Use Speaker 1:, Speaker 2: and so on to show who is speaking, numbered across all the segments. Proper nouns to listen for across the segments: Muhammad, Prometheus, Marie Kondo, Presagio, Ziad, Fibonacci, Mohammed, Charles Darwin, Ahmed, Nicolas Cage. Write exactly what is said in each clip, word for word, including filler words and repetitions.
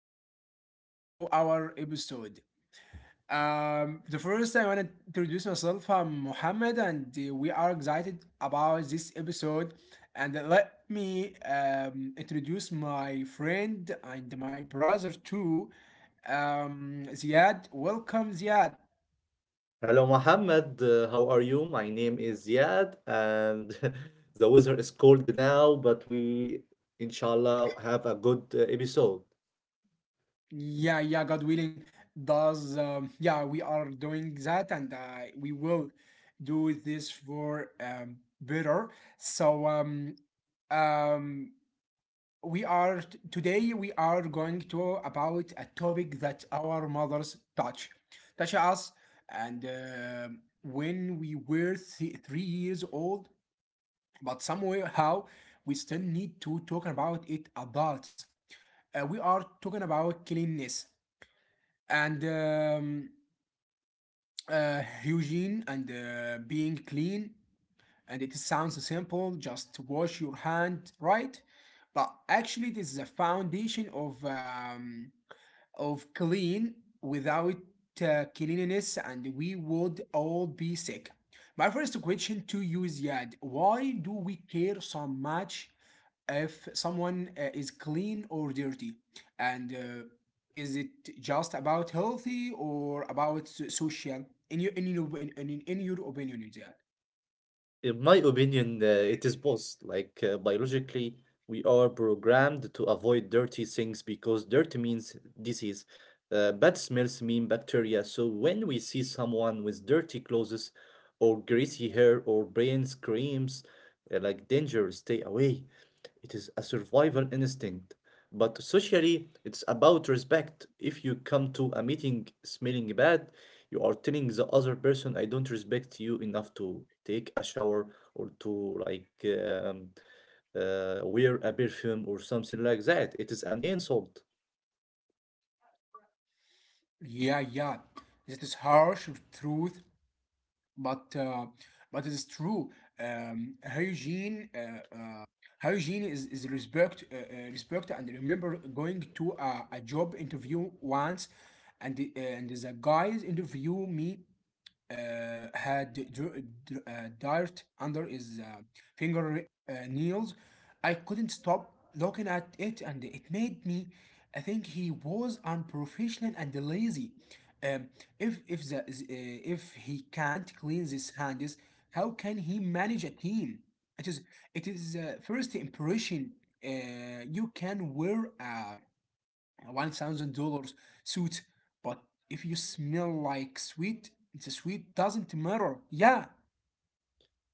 Speaker 1: welcome back to our episode. Um, the first, I want to introduce myself. I'm Mohammed, and uh, we are excited about this episode. And let me um, introduce my friend and my brother too, um, Ziad. Welcome, Ziad.
Speaker 2: Hello, Mohammed. Uh, how are you? My name is Ziad, and the weather is cold now, but we, inshallah, have a good uh, episode.
Speaker 1: Yeah, yeah, God willing, does um, yeah, we are doing that and uh, we will do this for um, better. So um, um, we are t- today we are going to about a topic that our mothers touch, touch us, and um when we were th- three years old, but somehow we still need to talk about it adults. Uh, we are talking about cleanness and um, uh, hygiene and uh, being clean, and it sounds simple, just wash your hand, right? But actually this is a foundation of um, of clean without uh, cleanliness, and we would all be sick. My first question to you is, Yad, why do we care so much if someone uh, is clean or dirty? And uh, is it just about healthy or about so- social? In your in your in, in, in your opinion, Yad?
Speaker 2: In my opinion, uh, it is both. Like, uh, biologically, we are programmed to avoid dirty things because dirty means disease. Uh, bad smells mean bacteria. So, when we see someone with dirty clothes or greasy hair or brain screams, uh, like danger, stay away. It is a survival instinct. But socially, it's about respect. If you come to a meeting smelling bad, you are telling the other person, I don't respect you enough to take a shower or to like um, uh, wear a perfume or something like that. It is an insult.
Speaker 1: Yeah, yeah. This is harsh truth, but uh, but it is true. Um, hygiene, uh, uh, hygiene is is respect, uh, uh, respect, and remember going to a, a job interview once, and the, and the guys interview me uh, had dr- dr- uh, dirt under his uh, finger uh, nails. I couldn't stop looking at it, and it made me I think he was unprofessional and lazy. Um, if if the, uh, if he can't clean his hands, how can he manage a team? It is it is uh, first impression. Uh, you can wear a one thousand dollars suit, but if you smell like sweet, the sweet doesn't matter. Yeah,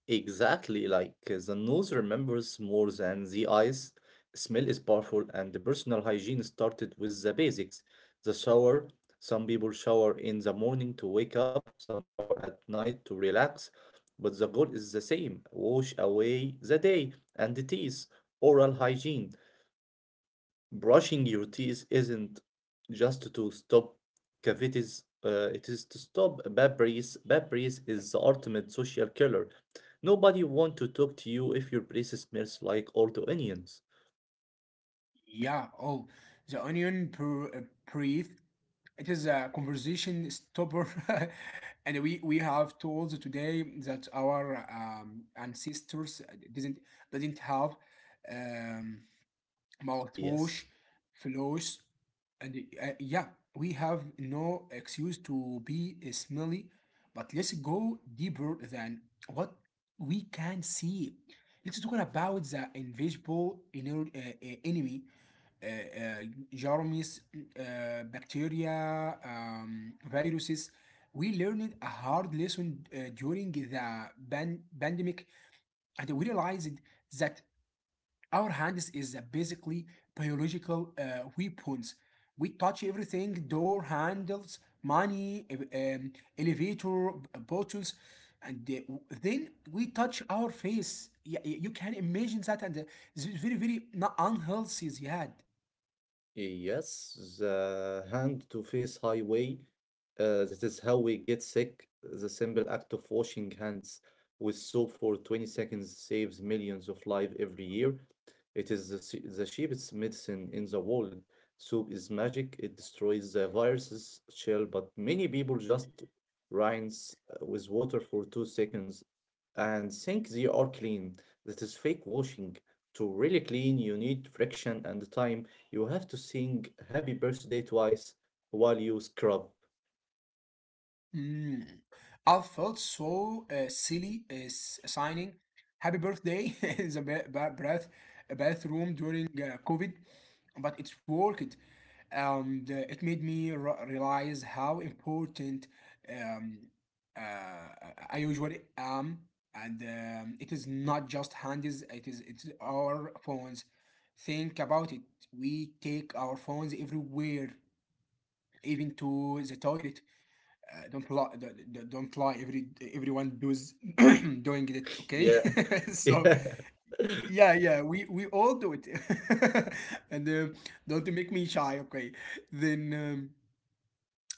Speaker 2: Exactly, like uh, the nose remembers more than the eyes. Smell is powerful, and the personal hygiene started with the basics. The shower, some people shower in the morning to wake up, some shower at night to relax, but the goal is the same wash away the day and the teeth, oral hygiene. Brushing your teeth isn't just to stop cavities, uh, it is to stop bad breath. Bad breath is the ultimate social killer. Nobody want to talk to you if your breath smells like old onions.
Speaker 1: yeah. Oh, the onion per, uh, breathe. It is a conversation stopper, and we we have told today that our um, ancestors didn't didn't have Um,
Speaker 2: Yes.
Speaker 1: mouthwash, floss, and uh, yeah, we have no excuse to be smelly. But let's go deeper than what we can see. Let's talk about the invisible inner, uh, uh, enemy, uh, uh, germs, uh, bacteria, um, viruses. We learned a hard lesson uh, during the pan- pandemic, and we realized that our hands is basically biological uh, weapons. We touch everything: door handles, money, um, elevator buttons, and uh, then we touch our face. Yeah, you can imagine that, and uh, this is very, very not unhealthy. Yeah.
Speaker 2: Yes, the hand-to-face highway. Uh, that is how we get sick. The simple act of washing hands with soap for twenty seconds saves millions of lives every year. It is the, se- the cheapest medicine in the world. Soap is magic. It destroys the viruses shell, but many people just rinse uh, with water for two seconds and think they are clean. That is fake washing. To really clean, you need friction and time. You have to sing happy birthday twice while you scrub.
Speaker 1: Mm. I felt so uh, silly uh, s- signing "Happy Birthday" in the ba- ba- bath bathroom during uh, COVID, but it worked. Um, the, it made me re- realize how important um, uh, I usually am, and um, it is not just hands. It is it's our phones. Think about it. We take our phones everywhere, even to the toilet. Uh, don't lie. Don't, don't- lie. Every everyone does doing it. Okay,
Speaker 2: Yeah.
Speaker 1: so
Speaker 2: Yeah.
Speaker 1: yeah, yeah. We we all do it. And um, don't make me shy. Okay, then um,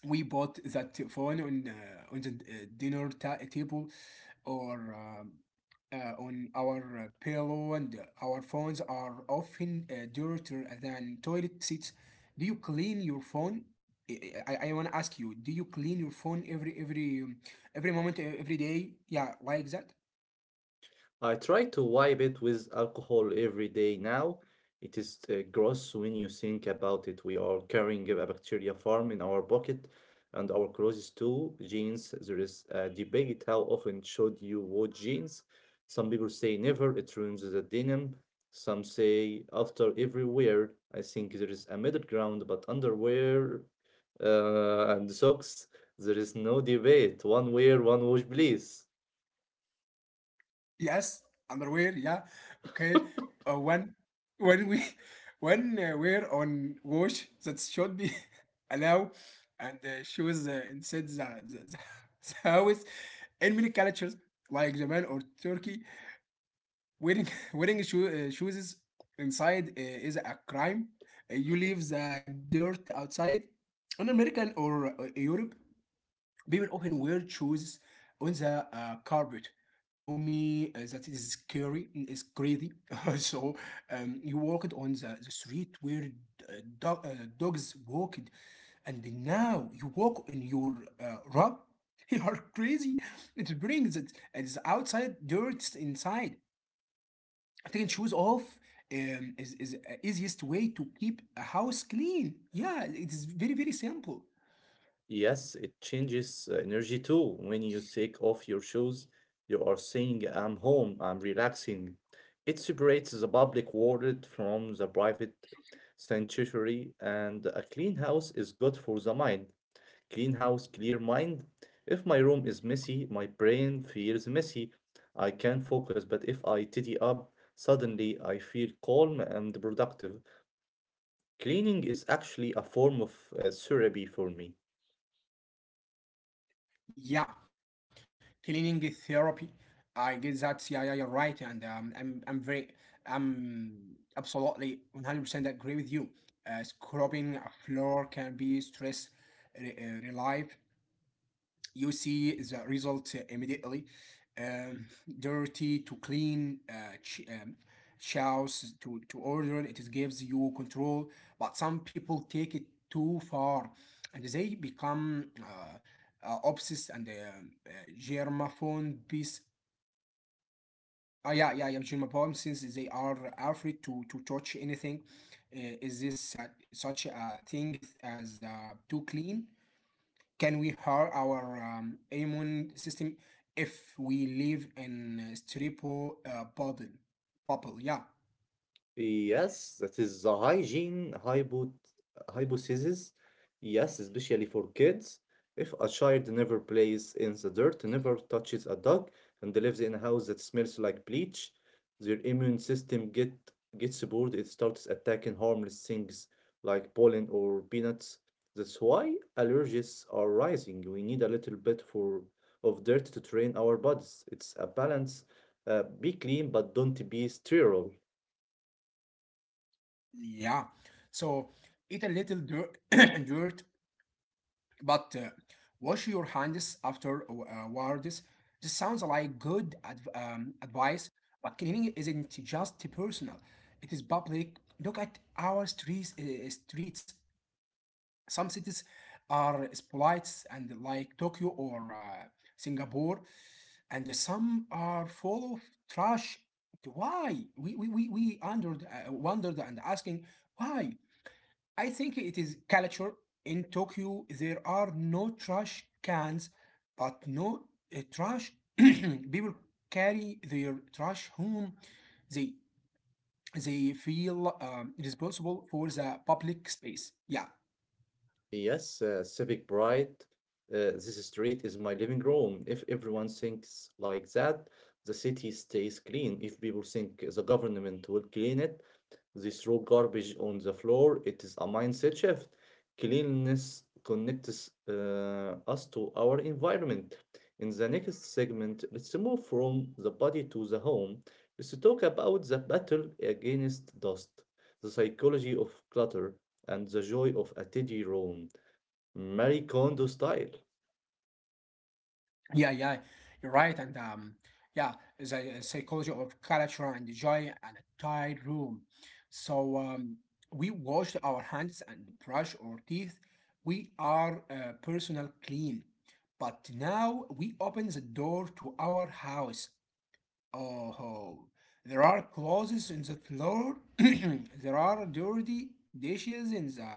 Speaker 1: we bought that phone on uh, on the uh, dinner ta- table or um, uh, on our uh, pillow, and uh, our phones are often uh, dirtier than toilet seats. Do you clean your phone? i i, I want to ask you, do you clean your phone every every um, every moment, e- every day, yeah, like that?
Speaker 2: I try to wipe it with alcohol every day now. It is uh, gross when you think about it. We are carrying a bacteria farm in our pocket and our clothes too. Jeans. There is a debate how often should you wash jeans. Some people say never, it ruins the denim. Some say after every wear. I think there is a middle ground, but underwear uh, and socks, there is no debate. One wear, one wash, please.
Speaker 1: Yes, underwear. Yeah. Okay. Uh, when when we when uh, we're on wash, that should be allowed. And uh, shoes uh, inside the, the, the, the house. In many cultures, like Japan or Turkey, wearing wearing shoe, uh, shoes inside uh, is a crime. Uh, you leave the dirt outside. In American or uh, Europe, people often wear shoes on the uh, carpet. To me, uh, that is scary. Mm, it's crazy. So um, you walked on the, the street where uh, dog, uh, dogs walked, and now you walk in your uh, rug. You are crazy. It brings it. It's outside dirt inside. Taking shoes off um, is is uh, easiest way to keep a house clean. Yeah, it is very very simple.
Speaker 2: Yes, it changes uh, energy too. When you take off your shoes, you are saying, I'm home, I'm relaxing. It separates the public world from the private sanctuary, and a clean house is good for the mind. Clean house, clear mind. If my room is messy, my brain feels messy. I can focus, but if I tidy up, suddenly I feel calm and productive. Cleaning is actually a form of uh, therapy for me.
Speaker 1: Yeah, cleaning therapy. I guess that's, yeah, yeah, you're right, and um, I'm I'm very I'm absolutely one hundred percent agree with you. Uh, scrubbing a floor can be stress re- uh, relief, you see the result uh, immediately. Um, dirty to clean, uh, ch- um, chows to, to order, it gives you control. But some people take it too far and they become uh, uh, obsessed and um, uh, germaphone piece. Oh, yeah, yeah, yeah, germaphone since they are afraid to, to touch anything. Uh, is this uh, such a thing as uh, too clean? Can we hurt our um, immune system if we live in a stereotypical uh, bubble? Bubble, yeah,
Speaker 2: Yes, that is the hygiene hypo hypothesis. Yes, especially for kids. If a child never plays in the dirt, never touches a dog, and lives in a house that smells like bleach, their immune system get gets bored. It starts attacking harmless things like pollen or peanuts. That's why allergies are rising. We need a little bit for of dirt to train our bodies. It's a balance. Uh, be clean, but don't be sterile.
Speaker 1: yeah. So eat a little dirt, dirt, but uh, wash your hands afterwards. This sounds like good adv- um, advice, but cleaning isn't just personal; it is public. Look at our streets. Uh, streets. Some cities are splits and like Tokyo or uh, Singapore, and some are full of trash. Why? We we we, we wondered, uh, wondered and asking why. I think it is culture. In Tokyo there are no trash cans, but no uh, trash. People carry their trash home. They they feel um, responsible for the public space. Yeah.
Speaker 2: Yes, uh, Civic Bright. Uh, this street is my living room. If everyone thinks like that, the city stays clean. If people think the government will clean it, they throw garbage on the floor. It is a mindset shift. Cleanliness connects uh, us to our environment. In the next segment, let's move from the body to the home. Let's talk about the battle against dust, the psychology of clutter, and the joy of a tidy room. Marie Kondo style.
Speaker 1: Yeah, yeah, you're right. And um, yeah, the uh, psychology of culture and joy and a tight room. So um, we wash our hands and brush our teeth. We are uh, personal clean. But now we open the door to our house. Oh, there are clothes in the floor. There are dirty dishes in the,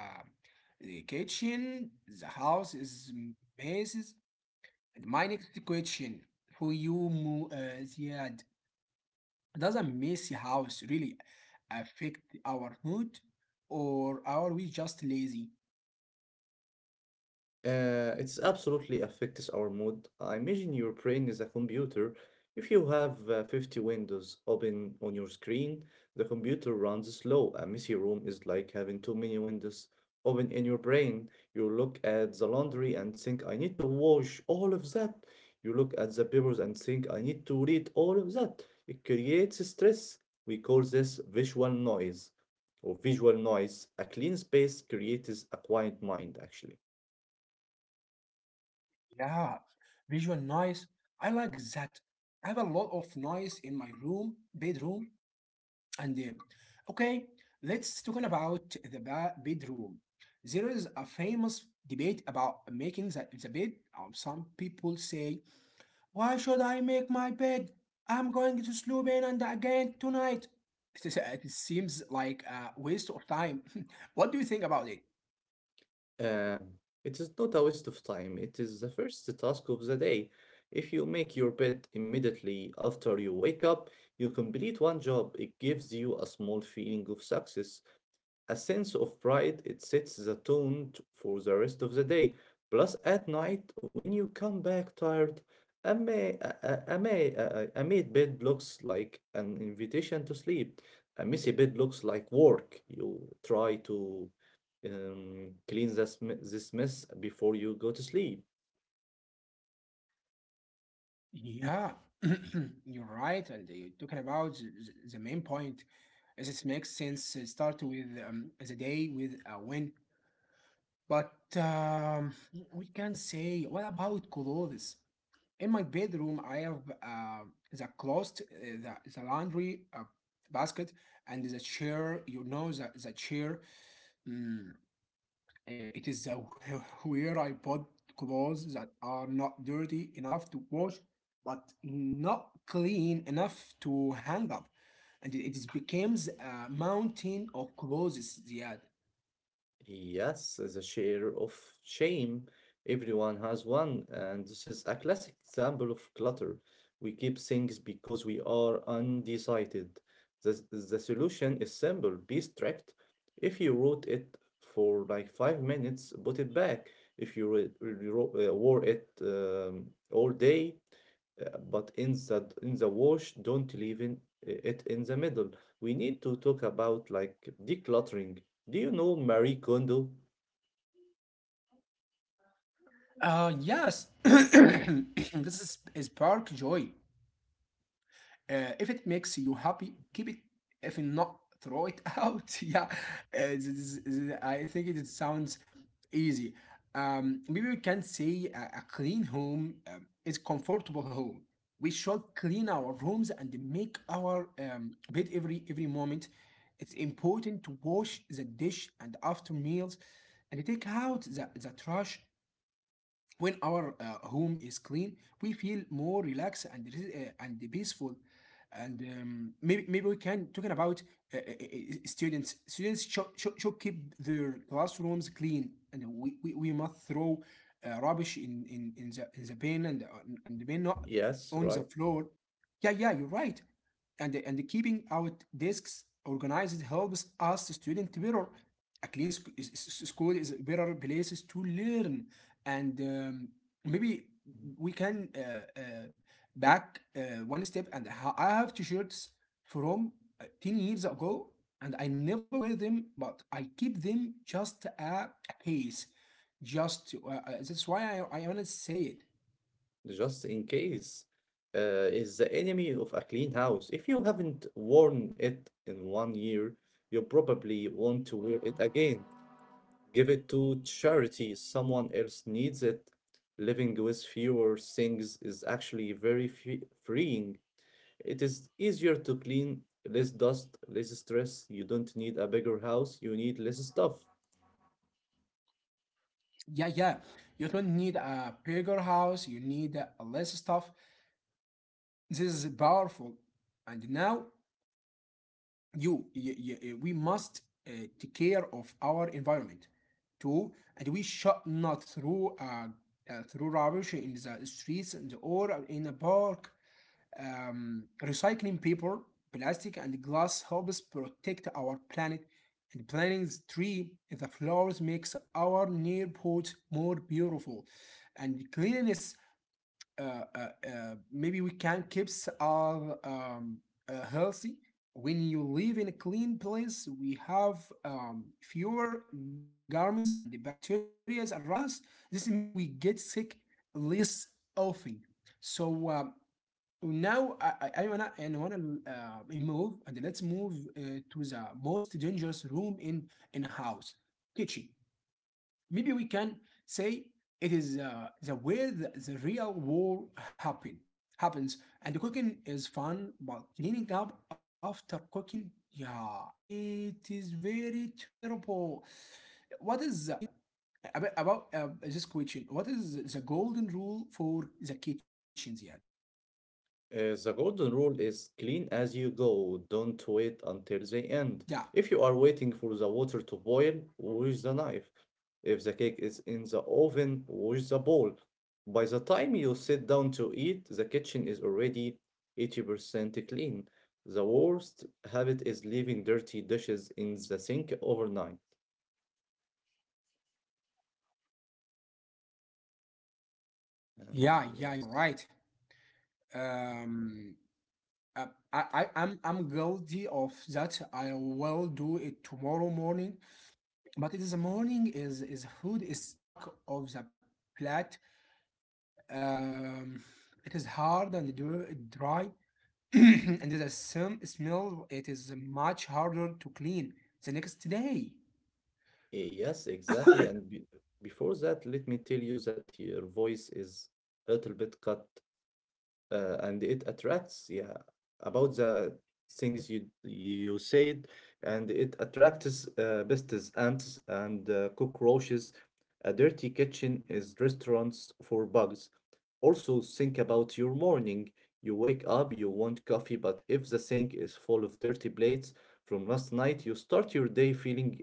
Speaker 1: the kitchen. The house is messes. My next question for you, Mu, uh, Ziad, does a messy house really affect our mood, or are we just lazy?
Speaker 2: Uh, it's absolutely affects our mood. I imagine your brain is a computer. If you have uh, fifty windows open on your screen, the computer runs slow. A messy room is like having too many windows open in your brain. You look at the laundry and think, I need to wash all of that. You look at the papers and think, I need to read all of that. It creates stress. We call this visual noise or visual noise. A clean space creates a quiet mind, actually.
Speaker 1: Yeah, visual noise. I like that. I have a lot of noise in my room, bedroom, and uh, okay, let's talk about the ba- bedroom. There is a famous debate about making the, the bed. Um, some people say, why should I make my bed? I'm going to sleep in and again tonight. It, is- it seems like a waste of time. What do you think about it?
Speaker 2: Um, it is not a waste of time. It is the first task of the day. If you make your bed immediately after you wake up, you complete one job. It gives you a small feeling of success. A sense of pride, it sets the tone t- for the rest of the day. Plus, at night, when you come back tired, a, ma- a, a, a, ma- a, a a made bed looks like an invitation to sleep. A messy bed looks like work. You try to um, clean this, m- this mess before you go to sleep.
Speaker 1: Yeah, you're right. And you're talking about the, the- the main point. As it makes sense, uh, start with um, the day with a win. But um, we can say, what about clothes? In my bedroom, I have uh, the closet, uh, the, the laundry uh, basket, and the chair. You know, the, the chair, mm, eh, it is the where I put clothes that are not dirty enough to wash, but not clean enough to hang up. And it, it is becomes a mountain of clothes, Ziad.
Speaker 2: Yes, the share of shame. Everyone has one, and this is a classic example of clutter. We keep things because we are undecided. The, the solution is simple, be strict. If you wrote it for like five minutes, put it back. If you re- re- ro- uh, wore it um, all day, uh, but in the in the wash don't leave in, it in the middle. We need to talk about like decluttering. Do you know Marie Kondo?
Speaker 1: Uh, yes, this is, is spark joy. Uh, if it makes you happy, keep it. If not, throw it out. Yeah. Uh, this is- I think it sounds easy. Um, maybe we can say a, a clean home um, is comfortable home. We should clean our rooms and make our um, bed every every moment. It's important to wash the dish and after meals, and take out the, the trash. When our uh, home is clean, we feel more relaxed and re- uh, and peaceful. And um, maybe maybe we can talking about uh, uh, uh, uh, students. Students should, should, should keep their classrooms clean, and we, we, we must throw uh, rubbish in, in, in the in the bin, and uh, and the bin not
Speaker 2: Yes,
Speaker 1: on the
Speaker 2: right.
Speaker 1: floor. Yeah, yeah, you're right, and and keeping our desks organized helps us the student to better, at least school is better places to learn. And um, maybe we can uh, uh, back uh, one step. And ha- I have t-shirts from uh, ten years ago, and I never wear them, but I keep them just at a case just to- uh, uh, that's why i, I want to say it.
Speaker 2: Just in case, uh, is the enemy of a clean house. If you haven't worn it in one year, you probably want to wear it again. Give it to charity. Someone else needs it. Living with fewer things is actually very fe- freeing. It is easier to clean, less dust, less stress. You don't need a bigger house, you need less stuff.
Speaker 1: Yeah, yeah, you don't need a bigger house, you need uh, less stuff. This is powerful. And now you, y- y- we must uh, take care of our environment too, and we should not throw uh, uh, throw rubbish in the streets and or in a park. Um, recycling paper, plastic, and glass helps protect our planet. And planting the tree, the flowers makes our neighborhood more beautiful, and cleanliness uh, uh, uh, maybe we can keeps our um, uh, healthy. When you live in a clean place, we have um, fewer g- germs and bacteria around us. This means we get sick less often. So um, now I, I, I wanna and wanna uh, move and let's move uh, to the most dangerous room in in house, kitchen. Maybe we can say it is uh, the, where the, the real war happen happens. And cooking is fun, but cleaning up after cooking, yeah, it is very terrible. What is the, about, about uh, this question, what is the golden rule for the kitchens yet?
Speaker 2: Uh, the golden rule is clean as you go. Don't wait until
Speaker 1: Yeah,
Speaker 2: the end. If you are waiting for the water to boil, wash the knife. If the cake is in the oven, wash the bowl. By the time you sit down to eat, the kitchen is already eighty percent clean. The worst habit is leaving dirty dishes in the sink overnight. And
Speaker 1: yeah, yeah, you're
Speaker 2: yes,
Speaker 1: right. um uh, I, I i'm i'm guilty of that. I will do it tomorrow morning, but it is a morning, is is hood, is stuck of the plate. um, it is hard and dr- dry and the same smell, it is much harder to clean the next day.
Speaker 2: Eh, yes, exactly. And be before that, let me tell you that your voice is a little bit cut. Uh, and it attracts, yeah, about the things you you said, and it attracts uh, pests, ants, and uh, cockroaches. A dirty kitchen is restaurants for bugs. Also think about your morning. You wake up, you want coffee, but if the sink is full of dirty plates from last night, you start your day feeling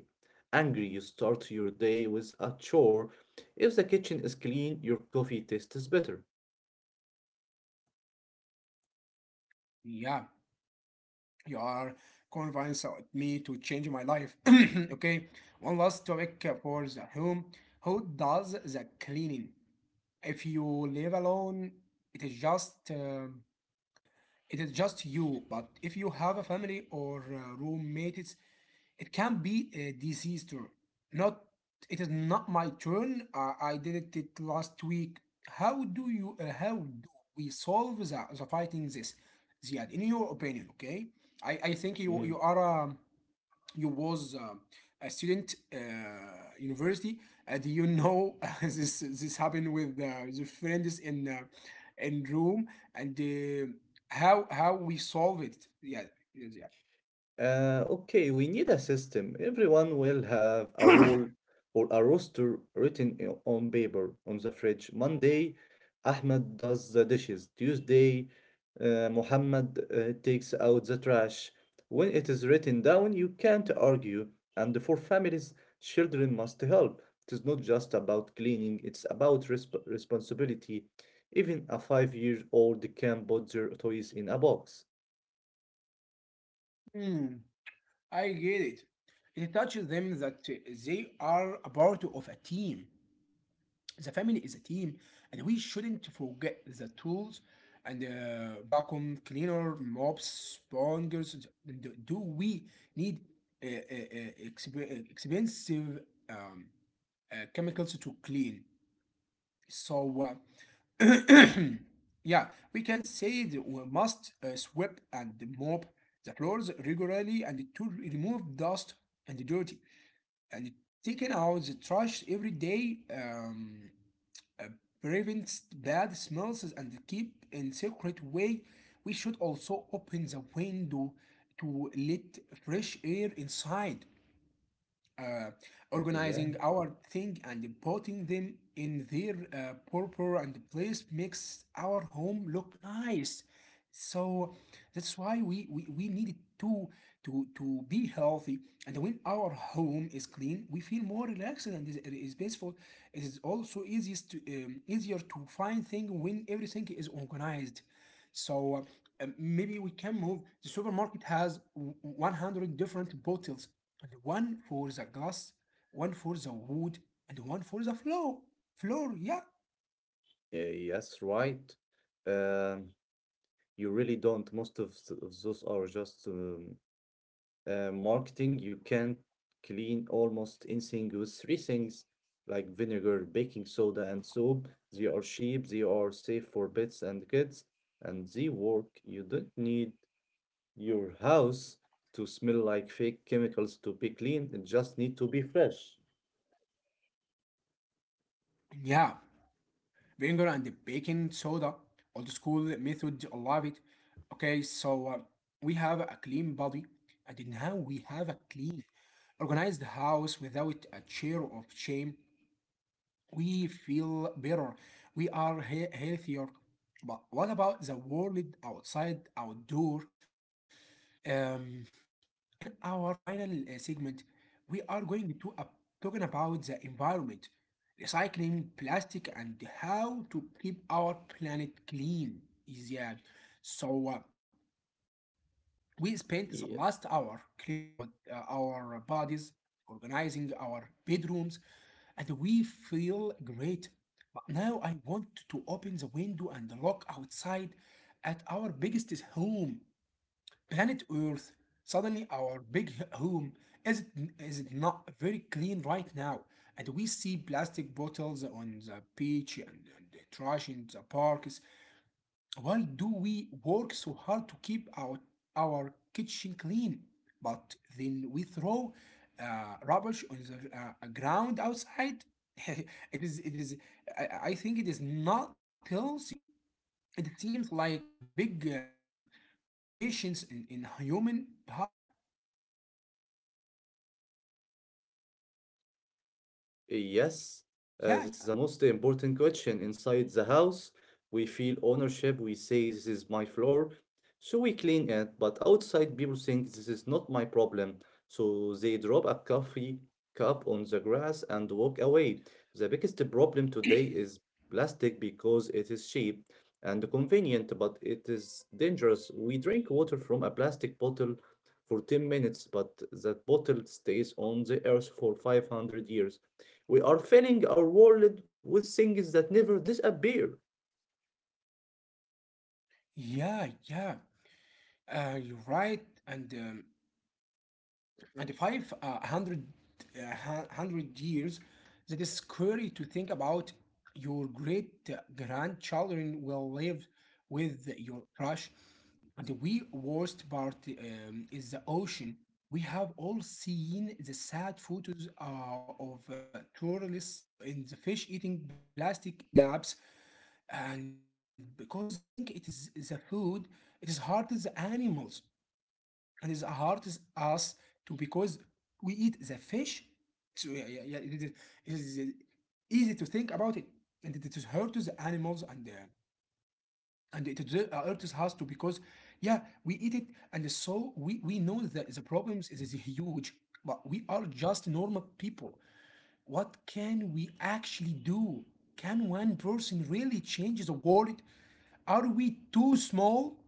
Speaker 2: angry. You start your day with a chore. If the kitchen is clean, your coffee tastes better.
Speaker 1: Yeah, you are convinced of me to change my life. Okay, one last topic for the home: who does the cleaning? If you live alone, it is just um, it is just you. But if you have a family or uh, roommates, it can be a disease too. Not, it is not my turn. I, I did it it last week. How do you? Uh, how do we solve the, the fighting this? Ziad, in your opinion, okay? I, I think you
Speaker 2: Mm.
Speaker 1: you are um, you was uh, a student uh, university, and you know this this happened with uh, the friends in uh, in room, and uh, how how we solve it. Yeah, yes,
Speaker 2: Uh, okay, we need a system. Everyone will have a
Speaker 1: yeah.
Speaker 2: role or a roster written i- on paper on the fridge. Monday, Ahmed does the dishes. Tuesday, uh, Muhammad uh, takes out the trash. When it is written down, you can't argue. And for families, children must help. It is not just about cleaning, it's about resp- responsibility. Even a five-year-old can put their toys in a box.
Speaker 1: Hmm, I get it. It touches them that uh, they are a part of a team. The family is a team, and we shouldn't forget the tools and uh, vacuum cleaner, mops, spongers. Do, we need uh, uh, uh, expensive um, uh, chemicals to clean? So, uh, yeah, we can say that we must uh, sweep and mop the floors regularly and to remove dust and dirt, and taking out the trash every day. Um, prevents bad smells and keep in secret way. We should also open the window to let fresh air inside. uh,
Speaker 2: Uh, Yeah.
Speaker 1: Organizing our thing and putting them in their uh, proper and place makes our home look nice. So that's why we, we, we needed to to to be healthy. And when our home is clean, we feel more relaxed and is, is peaceful. It is also easiest to, um, easier to find things when everything is organized. So uh, maybe we can move. The supermarket has w- one hundred different bottles, and one for the glass, one for the wood, and one for the floor. Floor, yeah.
Speaker 2: Uh, yes, right. Um, you really don't. Most of, th- of those are just um, uh, marketing. You can clean almost anything with three things like vinegar, baking soda, and soap. They are cheap, they are safe for pets and kids, and they work. You don't need your house to smell like fake chemicals to be clean. It just need to be fresh.
Speaker 1: Yeah. Vinegar and the baking soda. Old school method, I love it. Okay, so uh, we have a clean body, and now we have a clean, organized house without a chair of shame. We feel better. We are he- healthier. But what about the world outside, outdoor? Um, in, in our final uh, segment, we are going to uh, talking about the environment, recycling plastic, and how to keep our planet clean. Is yeah. So uh, we spent the
Speaker 2: Yeah.
Speaker 1: last hour cleaning our uh, our bodies, organizing our bedrooms, and we feel great. But now I want to open the window and look outside at our biggest home, planet Earth. Suddenly, our big h- home is it, is it not very clean right now? And we see plastic bottles on the beach, and, and the trash in the parks. Why do we work so hard to keep our our kitchen clean, but then we throw uh, rubbish on the uh, ground outside? It is it is, I, I think it is not healthy. It seems like a big uh, contributions in, in human behavior.
Speaker 2: Uh, Yes, uh,
Speaker 1: Yeah,
Speaker 2: this is the most important question. Inside the house, we feel ownership. We say, This is my floor. So we clean it. But outside, people think, This is not my problem. So they drop a coffee cup on the grass and walk away. The biggest problem today is plastic because it is cheap and convenient, but it is dangerous. We drink water from a plastic bottle for ten minutes, but that bottle stays on the earth for five hundred years. We are filling our world with things that never disappear.
Speaker 1: yeah, yeah, yeah. Uh, you're right. And um, and five uh, hundred uh, hundred years, that is scary to think about. Your great grandchildren will live with your crush. And the worst part um, is the ocean. We have all seen the sad photos uh, of uh, tourists in the fish eating plastic gaps, and because they, they think it is the food, it is hard as the animals, and it hurts us to because we eat the fish. So yeah, yeah, yeah, it, is, it is easy to think about it, and it is hurts the animals, and uh, and it uh, hurts us too because yeah, we eat it. And so we we know that the problems is, is huge, but we are just normal people. What can we actually do? Can one person really change the world? Are we too small?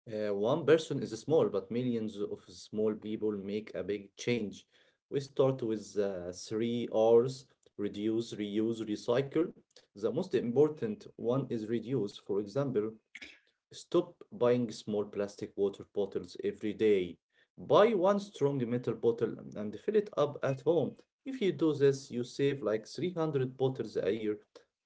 Speaker 2: Uh, one person is small, but millions of small people make a big change. We start with uh, three R's reduce, reuse, recycle. The most important one is reduce. For example, stop buying small plastic water bottles every day. Buy one strong metal bottle and fill it up at home. If you do this, you save like three hundred bottles a year.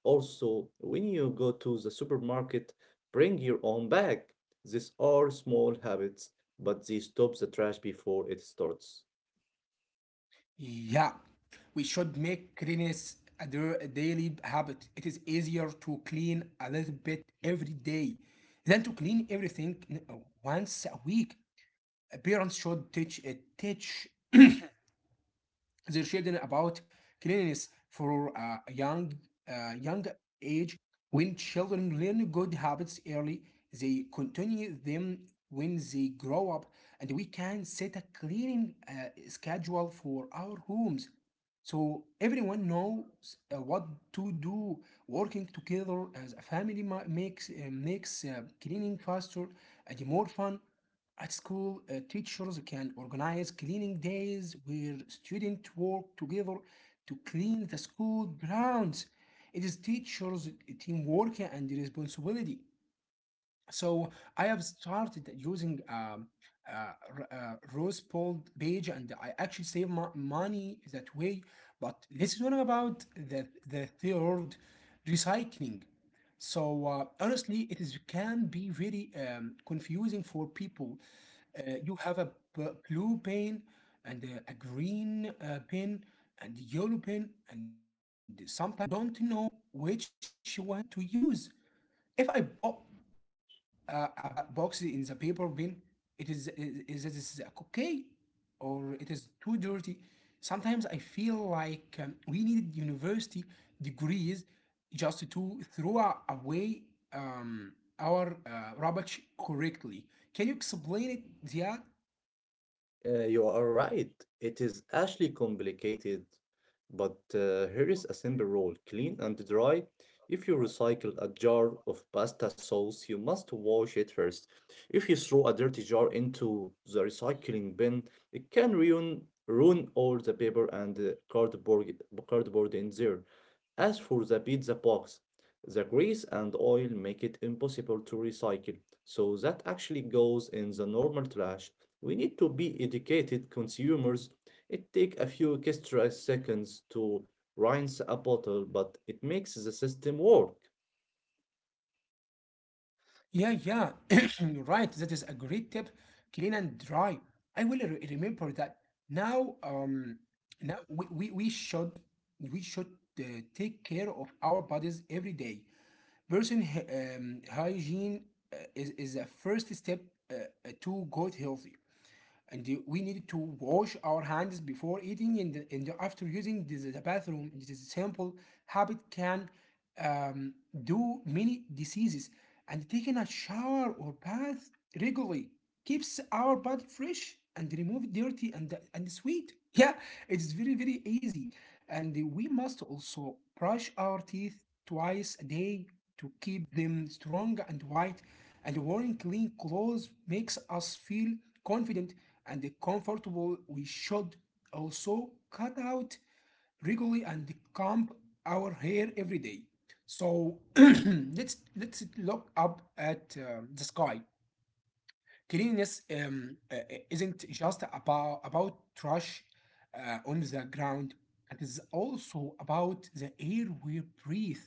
Speaker 2: Also, when you go to the supermarket, bring your own bag. These are small habits, but they stop the trash before it starts.
Speaker 1: Yeah, we should make cleanliness a dir- a daily habit. It is easier to clean a little bit every day than to clean everything n- uh, once a week. Uh, Parents should teach uh, teach their children about cleanliness for a young uh, young age. When children learn good habits early, they continue them when they grow up, and we can set a cleaning uh, schedule for our homes, so everyone knows uh, what to do. Working together as a family ma- makes uh, makes uh, cleaning faster and more fun. At school, uh, teachers can organize cleaning days where students work together to clean the school grounds. It is teach teamwork and responsibility. So I have started using um, uh, r- uh, Rose Bold page, and I actually save mo- money that way. But let's talk about the the third, recycling. So uh, honestly, it is can be very um, confusing for people. Uh, you have a b- blue pen and uh, a green uh, pen and yellow pen, and sometimes you don't know which one to use. If I bought uh, a pizza box in the paper bin, it is is, is it is okay, or it is too dirty. Sometimes I feel like um, we needed university degrees just to throw a- away um, our uh, rubbish correctly. Can you explain it, Ziad?
Speaker 2: Uh, you are right. It is actually complicated, but uh, here is a simple rule clean and dry. If you recycle a jar of pasta sauce, you must wash it first. If you throw a dirty jar into the recycling bin, it can ruin, ruin all the paper and uh, cardboard, cardboard in there. As for the pizza box, the grease and oil make it impossible to recycle, so that actually goes in the normal trash. We need to be educated consumers. It takes a few extra seconds to rinse a bottle, but it makes the system work.
Speaker 1: Yeah, yeah, right. That is a great tip. Clean and dry. I will re- remember that. Now, um, now we, we, we should we should uh, take care of our bodies every day. Person hy- um, Hygiene uh, is is a first step uh, uh, to gut healthy, and we need to wash our hands before eating, and, and after using the, the bathroom. This is simple habit can um, do many diseases, and taking a shower or bath regularly keeps our body fresh and remove dirty, and, and sweet. Yeah, it's very, very easy. And we must also brush our teeth twice a day to keep them strong and white, and wearing clean clothes makes us feel confident and comfortable. We should also cut out regularly and comb our hair every day. So let's let's look up at uh, the sky. Cleanliness um, uh, uh, isn't just about about trash uh, on the ground. It is also about the air we breathe.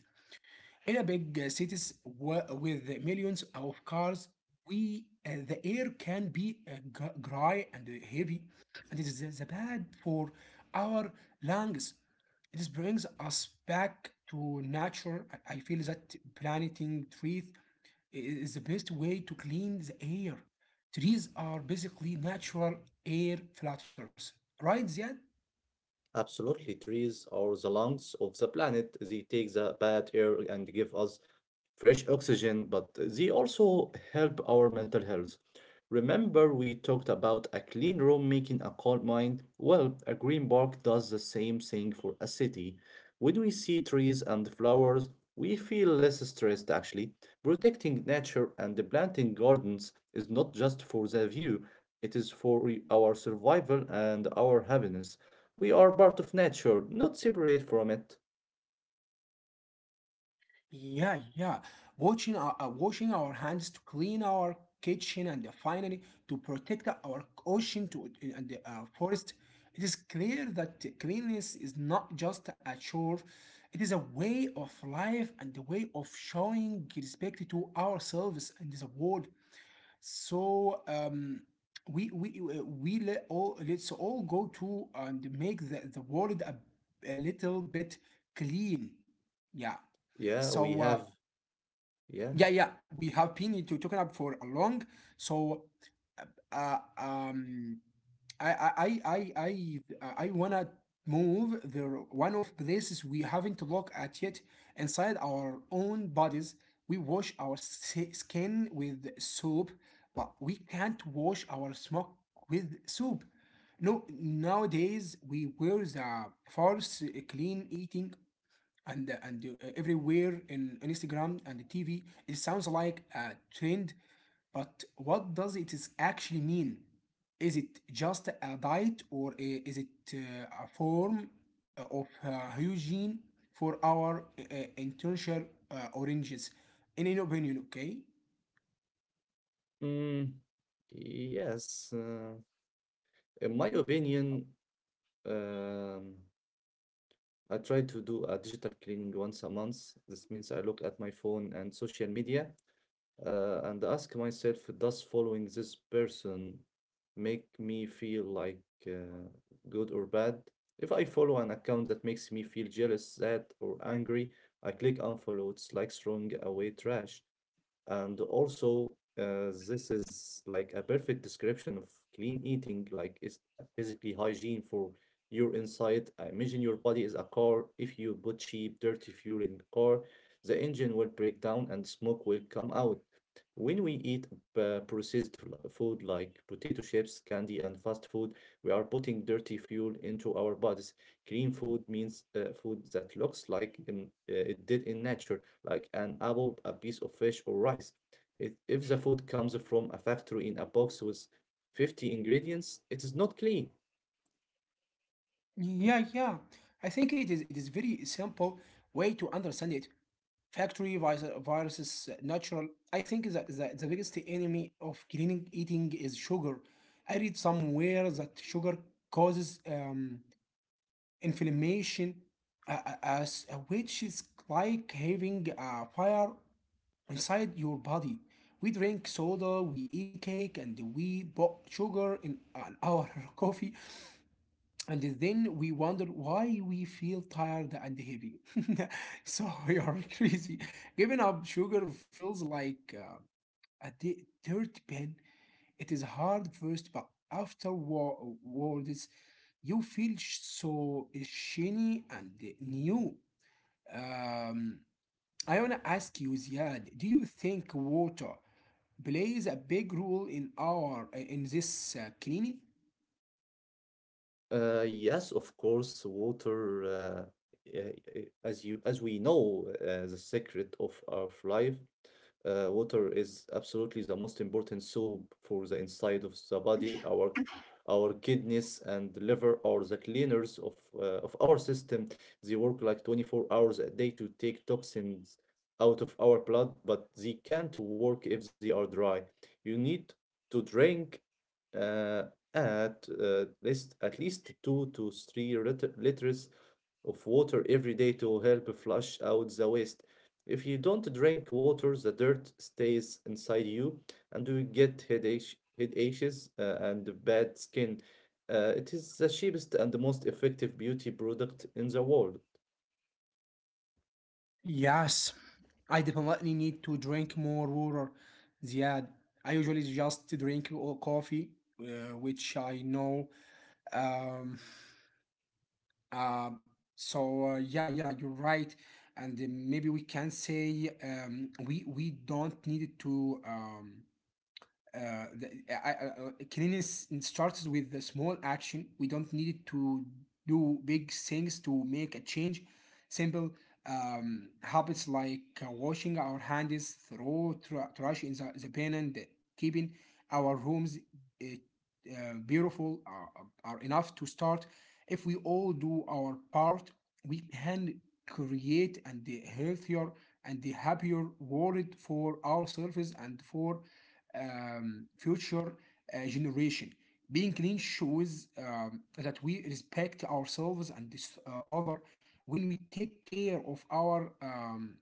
Speaker 1: In a big uh, cities wa- with millions of cars, we uh, the air can be uh, gr- dry and uh, heavy, and it is the bad for our lungs. This brings us back to nature. I I feel that planting trees is the best way to clean the air. Trees are basically natural air filters, right, Ziad?
Speaker 2: Absolutely, trees are the lungs of the planet. They take the bad air and give us fresh oxygen, but they also help our mental health. Remember, we talked about a clean room making a calm mind? Well, a green park does the same thing for a city. When we see trees and flowers, we feel less stressed actually. Protecting nature and planting gardens is not just for the view, it is for our survival and our happiness. We are part of nature, not separate from it.
Speaker 1: Yeah, yeah. Washing our, uh, washing our hands to clean our kitchen, and finally to protect our ocean to and the uh, forest. It is clear that cleanliness is not just a chore. It is a way of life and a way of showing respect to ourselves and the world. So um, we we uh, we let all let's all go to and make the, the world a, a little bit clean. Yeah.
Speaker 2: Yeah, we
Speaker 1: So
Speaker 2: have.
Speaker 1: uh,
Speaker 2: Yeah.
Speaker 1: yeah, yeah, we have been to talking about for a long. So uh, um, I I I I I, I wanna move the one of places we haven't looked at yet, inside our own bodies. We wash our s- skin with soap, but we can't wash our smock with soap. No, nowadays we wear the false clean eating and uh, and uh, everywhere in on Instagram and the T V. It sounds like a trend, but what does it is actually mean? Is it just a diet, or i- is it uh, a form of uh, hygiene for our uh, intentional uh, oranges? In your opinion, okay?
Speaker 2: Mm, yes, uh, in my opinion, um, I try to do a digital cleaning once a month. This means I look at my phone and social media uh, and ask myself, does following this person make me feel like uh, good or bad? If I follow an account that makes me feel jealous, sad, or angry, I click unfollow. It's like throwing away trash. And also, uh, this is like a perfect description of clean eating, like it's basically hygiene for your inside. I imagine your body is a car. If you put cheap, dirty fuel in the car, the engine will break down and smoke will come out. When we eat uh, processed fl- food like potato chips, candy, and fast food, we are putting dirty fuel into our bodies. Clean food means uh, food that looks like um, uh, it did in nature like an apple, a piece of fish, or rice. If, if the food comes from a factory in a box with fifty ingredients, it is not clean.
Speaker 1: Yeah, yeah. I think it is it is very simple way to understand it. Factory vis- viruses, uh, natural. I think that the, the biggest enemy of clean eating is sugar. I read somewhere that sugar causes um, inflammation, uh, uh, as, uh, which is like having a fire inside your body. We drink soda, we eat cake, and we put sugar in uh, our coffee, and then we wonder why we feel tired and heavy. So we are crazy. Giving up sugar feels like uh, a di- dirt pen. It is hard first, but afterwards, you feel sh- so shiny and new. Um, I wanna ask you, Ziad, do you think water plays a big role in our in this uh, cleaning?
Speaker 2: Uh, yes, of course, water, uh, eh, eh, as you as we know, uh, the secret of our life, uh, water is absolutely the most important soap for the inside of the body. Our our kidneys and liver are the cleaners of uh, of our system. They work like twenty-four hours a day to take toxins out of our blood, but they can't work if they are dry. You need to drink. Uh, at uh, least at least two to three lit- liters of water every day to help flush out the waste. If you don't drink water, the dirt stays inside you, and you get headache, headaches, uh, and bad skin. Uh, it is the cheapest and the most effective beauty product in the world.
Speaker 1: Yes, I definitely need to drink more water, Ziad. I usually just drink o- coffee, uh, which I know. Um, uh, so uh, yeah, yeah, you're right. And uh, Maybe we can say um, we we don't need to. Um, uh, the, I, I, I- Cleanliness starts with the small action. We don't need to do big things to make a change. Simple um, habits like uh, washing our hands, throw tr- trash in the, the bin, and keeping our rooms uh, uh, beautiful are, are enough to start. If we all do our part, we can create and a healthier and a happier world for ourselves and for um, future uh, generation. Being clean shows um, that we respect ourselves and this uh, other. When we take care of our um,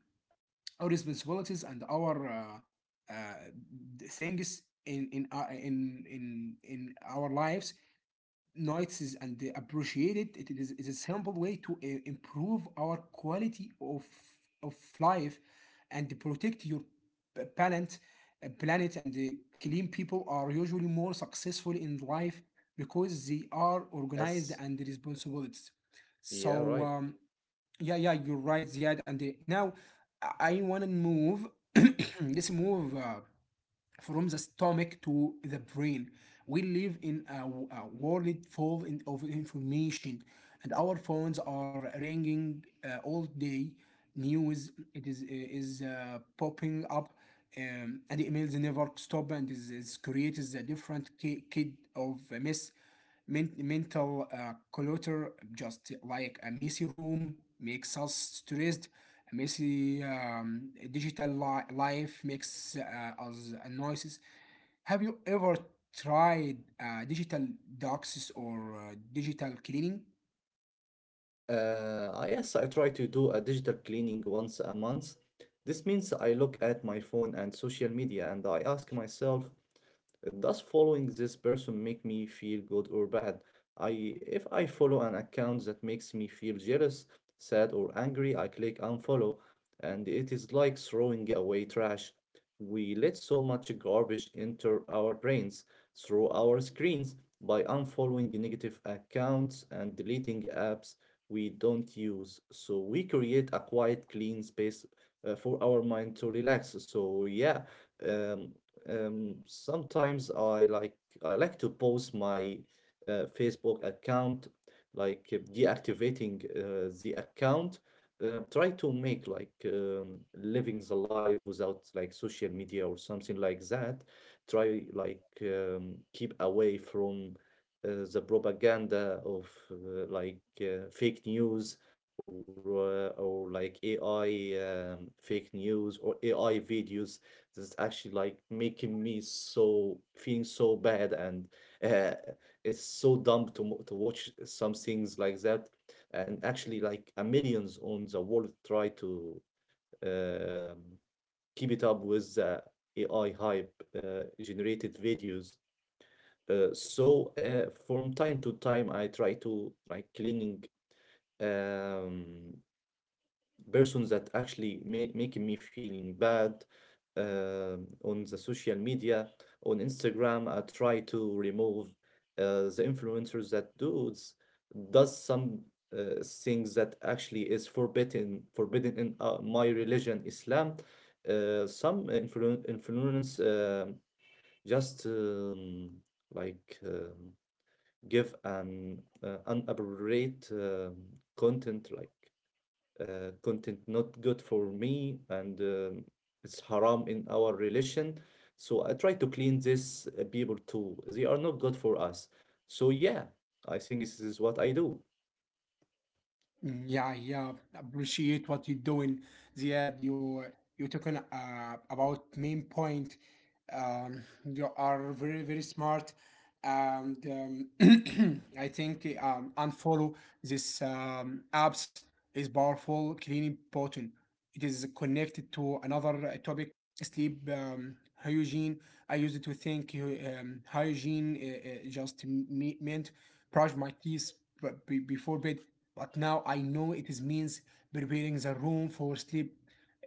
Speaker 1: our responsibilities and our uh, uh, things in in, uh, in in in our lives, notices and they appreciate it. It is, it is a simple way to uh, improve our quality of of life and protect your p- planet, uh, planet. And the clean people are usually more successful in life because they are organized
Speaker 2: Yes,
Speaker 1: and responsibilities.
Speaker 2: yeah,
Speaker 1: So
Speaker 2: right.
Speaker 1: um, yeah, yeah, you're right, Ziad. And uh, now I want to move. Let's move. Uh, from the stomach to the brain. We live in a a world full in, of information, and our phones are ringing uh, all day. News it is uh, is uh, popping up, um, and emails never stop, and is, is creates a different ki- kid of a mess, men- mental uh, clutter. Just like a messy room makes us stressed, messy um, digital li- life makes uh, us noises. Have you ever tried uh, digital doxes or uh, digital cleaning?
Speaker 2: Uh, I- yes, I try to do a digital cleaning once a month. This means I look at my phone and social media and I ask myself, does following this person make me feel good or bad? I if I follow an account that makes me feel jealous, sad, or angry, I click unfollow, and it is like throwing away trash. We let so much garbage enter our brains through our screens by unfollowing negative accounts and deleting apps we don't use. So we create a quiet, clean space uh, for our mind to relax. So yeah, um, um, sometimes I like I like to post my uh, Facebook account, like uh, deactivating uh, the account. Uh, try to make like um, living the life without like social media or something like that. Try like um, keep away from uh, the propaganda of uh, like uh, fake news or uh, or like A I um, fake news or A I videos. This actually like making me so feeling so bad, and uh, it's so dumb to mo- to watch some things like that. And actually, like a millions on the world try to um, keep it up with the A I hype uh, generated videos. Uh, so uh, from time to time, I try to like cleaning um persons that actually ma- making me feeling bad uh, on the social media. On Instagram, I try to remove uh, the influencers that does does some uh, things that actually is forbidden forbidden in uh, my religion, Islam. Uh, some influ- influence um just um, like um, give an uh, unappropriate um, content like uh, content not good for me, and um, it's haram in our relation. So I try to clean this. Uh, people too. They are not good for us. So yeah, I think this is what I do.
Speaker 1: Mm, yeah, yeah. Appreciate what you're doing, Ziad. You you're talking uh, about main point. Um, you are very very smart, and um, I think um, unfollow this um, apps is powerful cleaning button. It is connected to another uh, topic, sleep um, hygiene. I used to think uh, um, hygiene uh, uh, just me- meant brush my teeth but be- before bed, but now I know it is means preparing the room for sleep.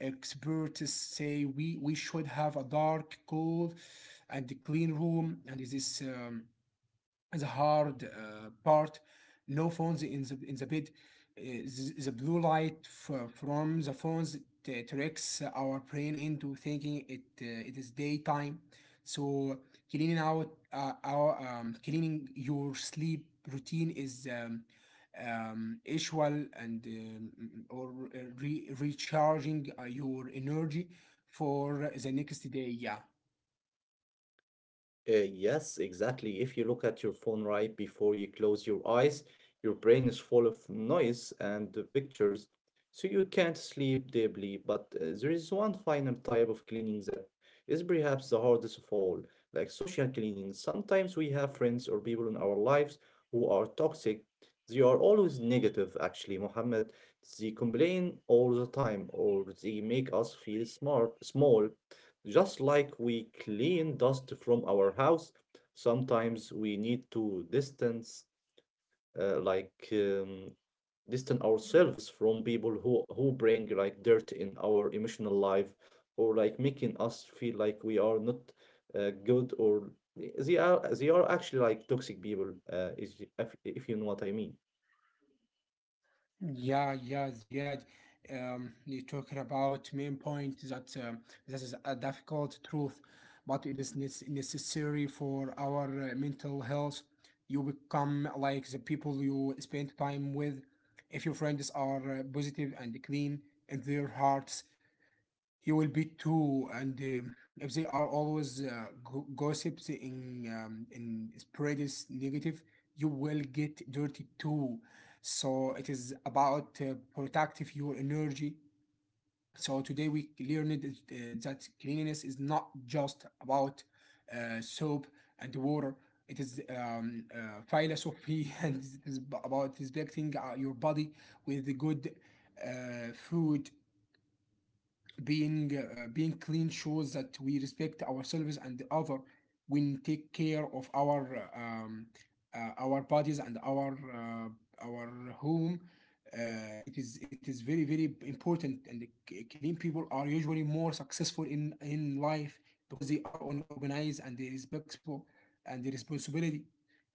Speaker 1: Experts say we, we should have a dark, cool, and clean room, and this is um, the hard uh, part, no phones in the in the bed. Uh, th- the blue light f- from the phones t- tricks our brain into thinking it uh, it is daytime. So cleaning out uh, our um, cleaning your sleep routine is um, um, usual and um, or uh, re- recharging uh, your energy for the next day, yeah.
Speaker 2: Uh, yes, exactly. If you look at your phone right before you close your eyes, your brain is full of noise and the pictures, so you can't sleep deeply. But uh, there is one final type of cleaning that is perhaps the hardest of all, like social cleaning. Sometimes we have friends or people in our lives who are toxic. They are always negative, actually, Mohammed. They complain all the time, or they make us feel smart, small. Just like we clean dust from our house, sometimes we need to distance, uh, like um, distance ourselves from people who who bring like dirt in our emotional life or like making us feel like we are not uh, good or they are they are actually like toxic people. Uh, is if if you know what I mean.
Speaker 1: Yeah, yeah, Ziad. Um, you're talking about main point that um, this is a difficult truth, but it is nec- necessary for our uh, mental health. You become like the people you spend time with. If your friends are uh, positive and clean in their hearts, you will be too, and um, if they are always uh, go- gossips in um, in spreads negative, you will get dirty too. So it is about uh, protective your energy. So today we learned that, uh, that cleanliness is not just about uh, soap and water. It is um, uh, philosophy and it is about respecting uh, your body with the good uh, food. Being uh, being clean shows that we respect ourselves and other when take care of our uh, um, uh, our bodies and our uh, our home. uh, it is it is very very important. And the c- clean people are usually more successful in in life because they are on, organized and they respectful and the responsibility.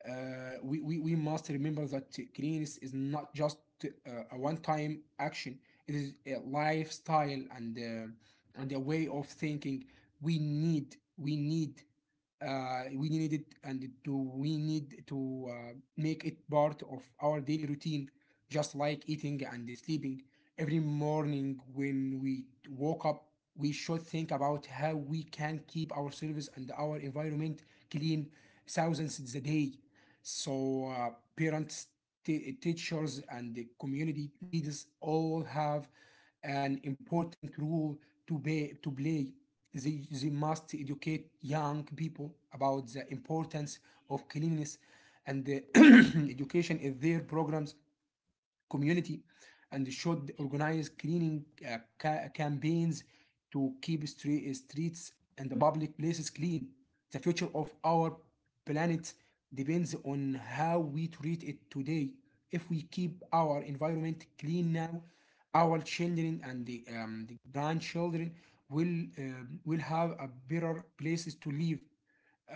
Speaker 1: uh, we, we we must remember that cleanliness is not just uh, a one time action. It is a lifestyle and uh, and a way of thinking. We need we need uh, we need it and to we need to uh, make it part of our daily routine, just like eating and sleeping. Every morning when we woke up, we should think about how we can keep ourselves and our environment clean thousands a day. So uh, parents, t- teachers, and the community leaders all have an important role to, be, to play. They, they must educate young people about the importance of cleanliness and the education in their programs community, and should organize cleaning uh, ca- campaigns to keep street streets and the public places clean. The future of our planet depends on how we treat it today. If we keep our environment clean now, our children and the, um, the grandchildren will uh, will have a better places to live.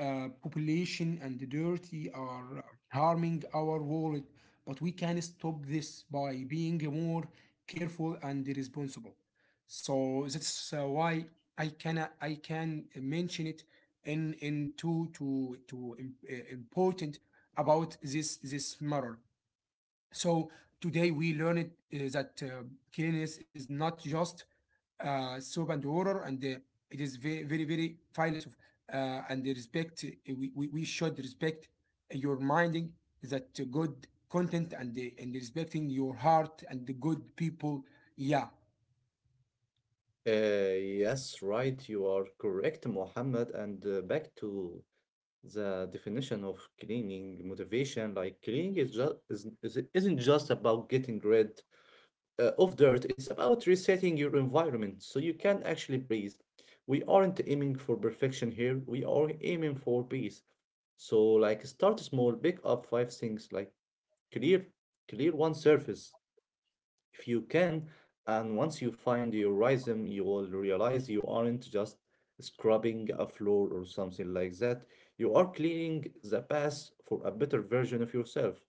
Speaker 1: uh, Population and the dirty are harming our world, but we can stop this by being more careful and responsible. So that's uh, why I can I can mention it in in two to to im- uh, important about this this matter. So today we learned uh, that uh, cleanliness is not just uh, soap and water, and uh, it is very, very, very philosoph uh, and the respect. Uh, We, we, we should respect your minding that uh, good content and the, and respecting your heart and the good people. Yeah.
Speaker 2: Uh, yes, right. You are correct, Mohammed. And uh, back to the definition of cleaning motivation, like cleaning is just is, is, isn't just about getting rid uh, of dirt. It's about resetting your environment so you can actually breathe. We aren't aiming for perfection here, we are aiming for peace. So like start small, pick up five things, like clear clear one surface if you can. And once you find your rhythm, you will realize you aren't just scrubbing a floor or something like that. You are cleaning the past for a better version of yourself.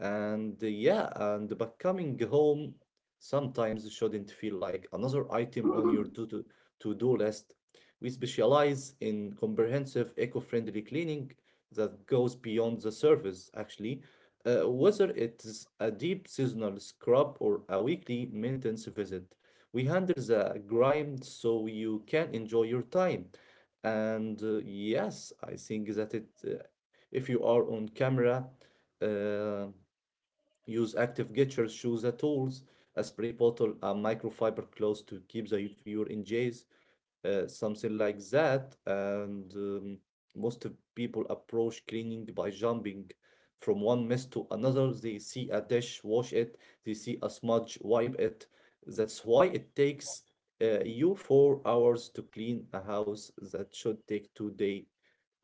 Speaker 2: And uh, yeah, and but coming home sometimes shouldn't feel like another item on your to do to-do list. We specialize in comprehensive eco-friendly cleaning that goes beyond the surface, actually. Uh, whether it's a deep seasonal scrub or a weekly maintenance visit, we handle the grime so you can enjoy your time. And uh, yes, I think that it, uh, if you are on camera, uh, use active gestures, choose the tools, a spray bottle, a microfiber cloth to keep the viewer engaged, uh, something like that. And um, most of people approach cleaning by jumping from one mess to another. They see a dish, wash it. They see a smudge, wipe it. That's why it takes uh, you four hours to clean a house that should take two day,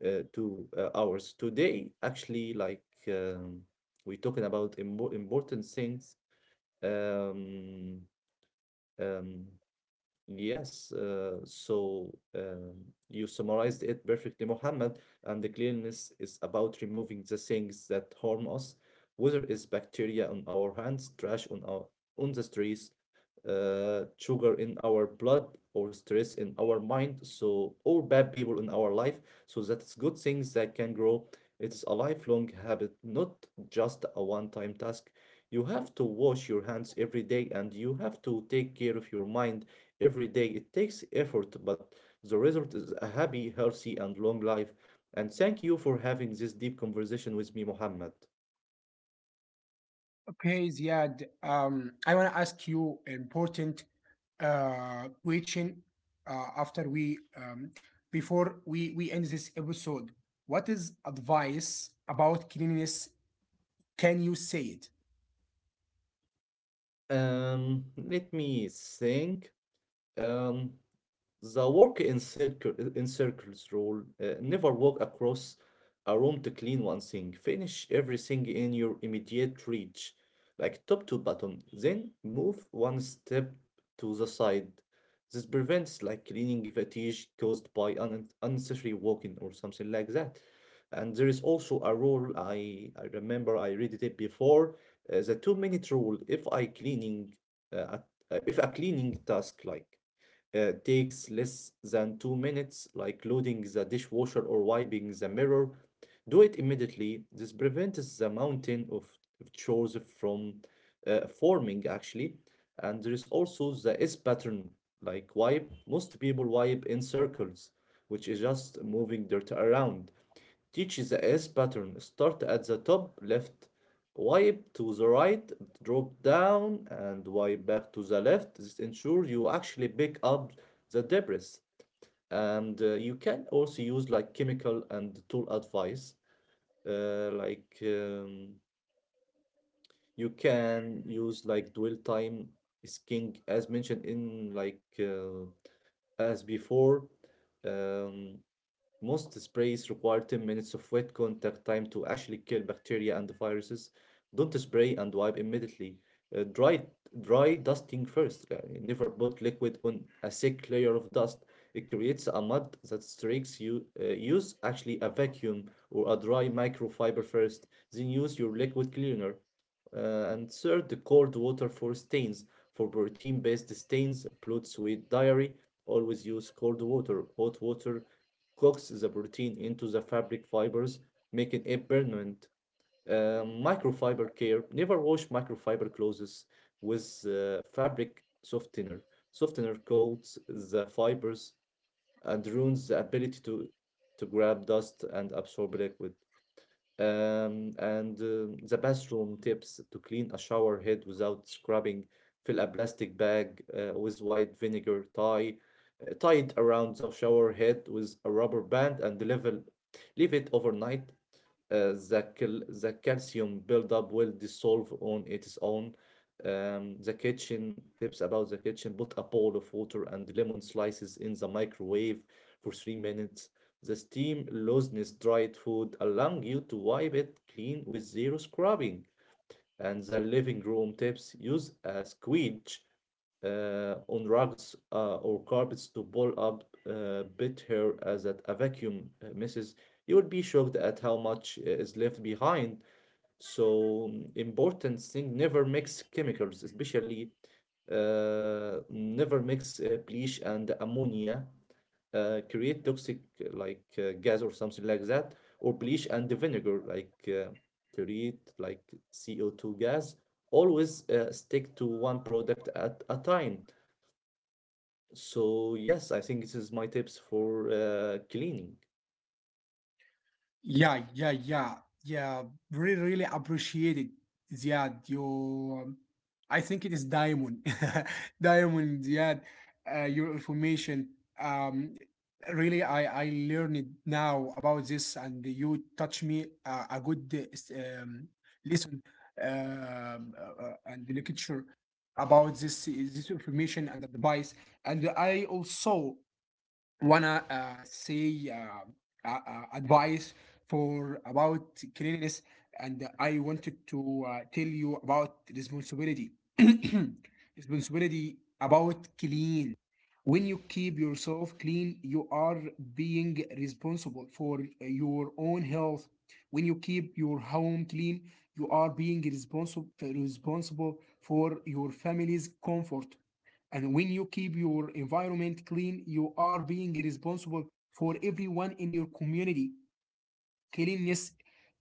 Speaker 2: uh, two uh, hours. Today, actually, like um, we're talking about immo important things. Um, um, Yes, uh, so um, you summarized it perfectly, Mohammed. And the cleanliness is about removing the things that harm us, whether it's bacteria on our hands, trash on our on the streets, uh, sugar in our blood, or stress in our mind. So, or bad people in our life. So that's good things that can grow. It's a lifelong habit, not just a one-time task. You have to wash your hands every day, and you have to take care of your mind every day. It takes effort, but the result is a happy, healthy, and long life. And thank you for having this deep conversation with me, Mohammed.
Speaker 1: Okay, Ziad, um, I want to ask you important uh, question uh, after we um, before we we end this episode. What is advice about cleanliness? Can you say it?
Speaker 2: Um, let me think. Um, the work in circle in circles rule. Uh, never walk across a room to clean one thing. Finish everything in your immediate reach, like top to bottom. Then move one step to the side. This prevents like cleaning fatigue caused by un unnecessary walking or something like that. And there is also a rule I I remember I read it before, uh, the two minute rule. If I cleaning uh, a- uh, if a cleaning task like uh, takes less than two minutes, like loading the dishwasher or wiping the mirror, do it immediately. This prevents the mountain of chores from uh, forming actually. And there is also the S pattern, like wipe. Most people wipe in circles, which is just moving dirt around. Teach the S pattern. Start at the top left, wipe to the right, drop down, and wipe back to the left. This ensures you actually pick up the debris. And uh, you can also use like chemical and tool advice. Uh, like um, you can use like dwell time is king, as mentioned in like uh, as before. Um, Most sprays require ten minutes of wet contact time to actually kill bacteria and viruses. Don't spray and wipe immediately. Uh, dry, Dry dusting first. Uh, never put liquid on a thick layer of dust. It creates a mud that streaks you. Uh, use actually a vacuum or a dry microfiber first, then use your liquid cleaner. Uh, and third, the cold water for stains. For protein-based stains, blood, sweat, diarrhea, always use cold water. Hot water coats the protein into the fabric fibers, making it permanent. Uh, microfiber care. Never wash microfiber clothes with uh, fabric softener. Softener coats the fibers and ruins the ability to, to grab dust and absorb liquid. Um, and um, The bathroom tips to clean a shower head without scrubbing. Fill a plastic bag uh, with white vinegar, tie, uh, tie it around the shower head with a rubber band and level, leave it overnight. Uh, the, cal- the calcium buildup will dissolve on its own. Um, the kitchen tips about the kitchen, put a bowl of water and lemon slices in the microwave for three minutes. The steam looseness dried food allowing you to wipe it clean with zero scrubbing. And the living room tips, use a squeegee uh, on rugs uh, or carpets to pull up uh, bit hair as at a vacuum uh, misses. You would be shocked at how much is left behind. So mm, important thing, never mix chemicals, especially uh, never mix uh, bleach and ammonia. Uh, create toxic uh, like uh, gas or something like that, or bleach and the vinegar like uh, create like C O two gas. Always uh, stick to one product at a time. So yes, I think this is my tips for uh, cleaning.
Speaker 1: Yeah, yeah, yeah, yeah. Really, really appreciate it, Ziad. You, um, I think it is diamond, diamond, Ziad. Uh, your information. Um, Really, I I learned now about this, and you touch me uh, a good uh, s- um, lesson um, uh, uh, and the literature about this this information and advice. And I also wanna uh, say uh, uh, uh, advice for about cleanliness, and I wanted to uh, tell you about responsibility. Responsibility about clean. When you keep yourself clean, you are being responsible for your own health. When you keep your home clean, you are being responsible responsible for your family's comfort. And when you keep your environment clean, you are being responsible for everyone in your community. Cleanliness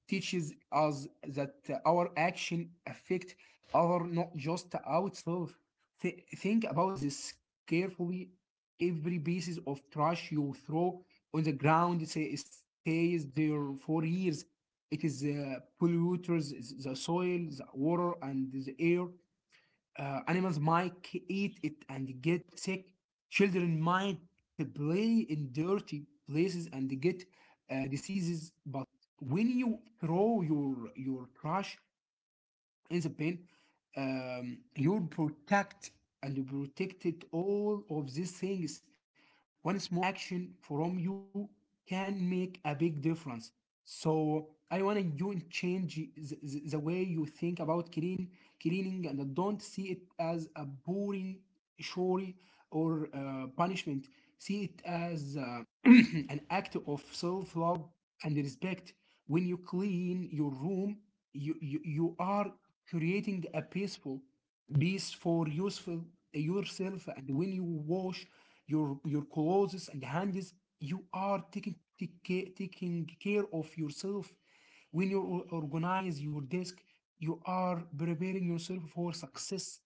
Speaker 1: teaches us that our action affect other, not just ourselves. Thi- think about this carefully. Every pieces of trash you throw on the ground say, stays there for years. It is uh, polluters, the soil, the water, and the air. Uh, animals might eat it and get sick. Children might to play in dirty places and get uh, diseases. But when you throw your your trash in the pen, um, you protect and you protected all of these things. One small action from you can make a big difference. So I want you to change the, the, the way you think about clean, cleaning, and don't see it as a boring chore or uh, punishment. See it as uh, an act of self love and respect. When you clean your room, you, you, you are creating a peaceful peace for useful yourself. And when you wash your, your clothes and hands, you are taking, take ca- taking care of yourself. When you or- organize your desk, you are preparing yourself for success.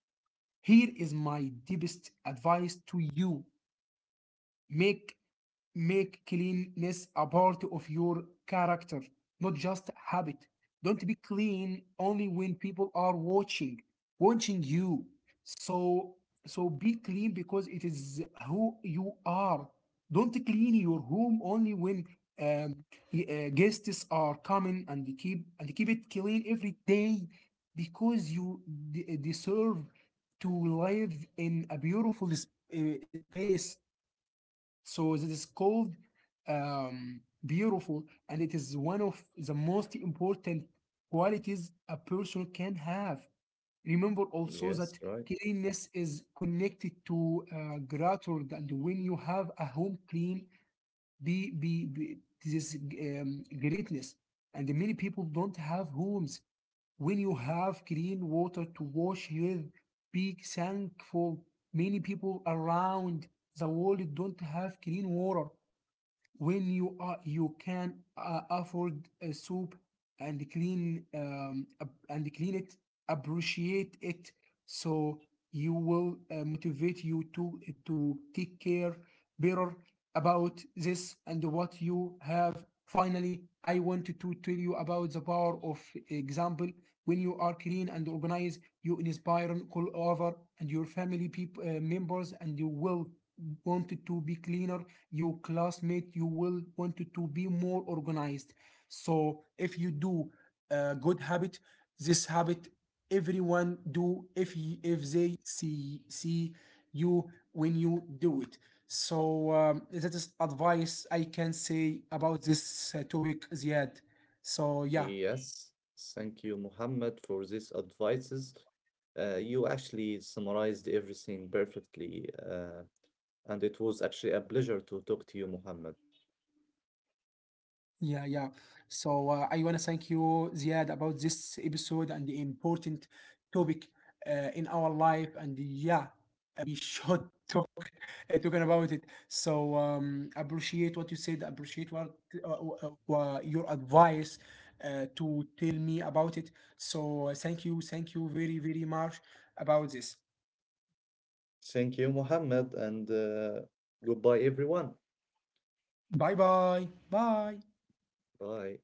Speaker 1: Here is my deepest advice to you: make make cleanliness a part of your character, not just habit. Don't be clean only when people are watching, watching you. So so be clean because it is who you are. Don't clean your home only when um, uh, guests are coming, and keep and keep it clean every day because you de- deserve to live in a beautiful sp- uh, space. So this is called um, beautiful, and it is one of the most important qualities a person can have. Remember also
Speaker 2: Yes,
Speaker 1: that
Speaker 2: right.
Speaker 1: cleanliness is connected to uh, gratitude, and when you have a home clean, be be, be this um, greatness. And many people don't have homes. When you have clean water to wash with, be thankful. Many people around the world don't have clean water. When you are you can uh, afford a soup and clean um, and clean it, appreciate it. So you will uh, motivate you to to take care better about this and what you have. Finally, I wanted to tell you about the power of example. When you are clean and organized, you inspire all over, and your family people uh, members, and you will wanted to be cleaner. Your classmate, you will want to to be more organized. So if you do a good habit, this habit, everyone do if y- if they see see you when you do it. So um, that is advice I can say about this uh, topic, Ziad. So yeah.
Speaker 2: Yes. Thank you, Mohammed, for these advices. Uh, you actually summarized everything perfectly, uh, and it was actually a pleasure to talk to you, Mohammed.
Speaker 1: Yeah, yeah. So uh, I want to thank you, Ziad, about this episode and the important topic uh, in our life. And yeah, uh, we should talk uh, talking about it. So um, appreciate what you said. Appreciate what uh, uh, uh, your advice uh, to tell me about it. So uh, thank you, thank you very very much about this.
Speaker 2: Thank you, Mohammed, and uh, goodbye, everyone.
Speaker 1: Bye bye, bye.
Speaker 2: Bye.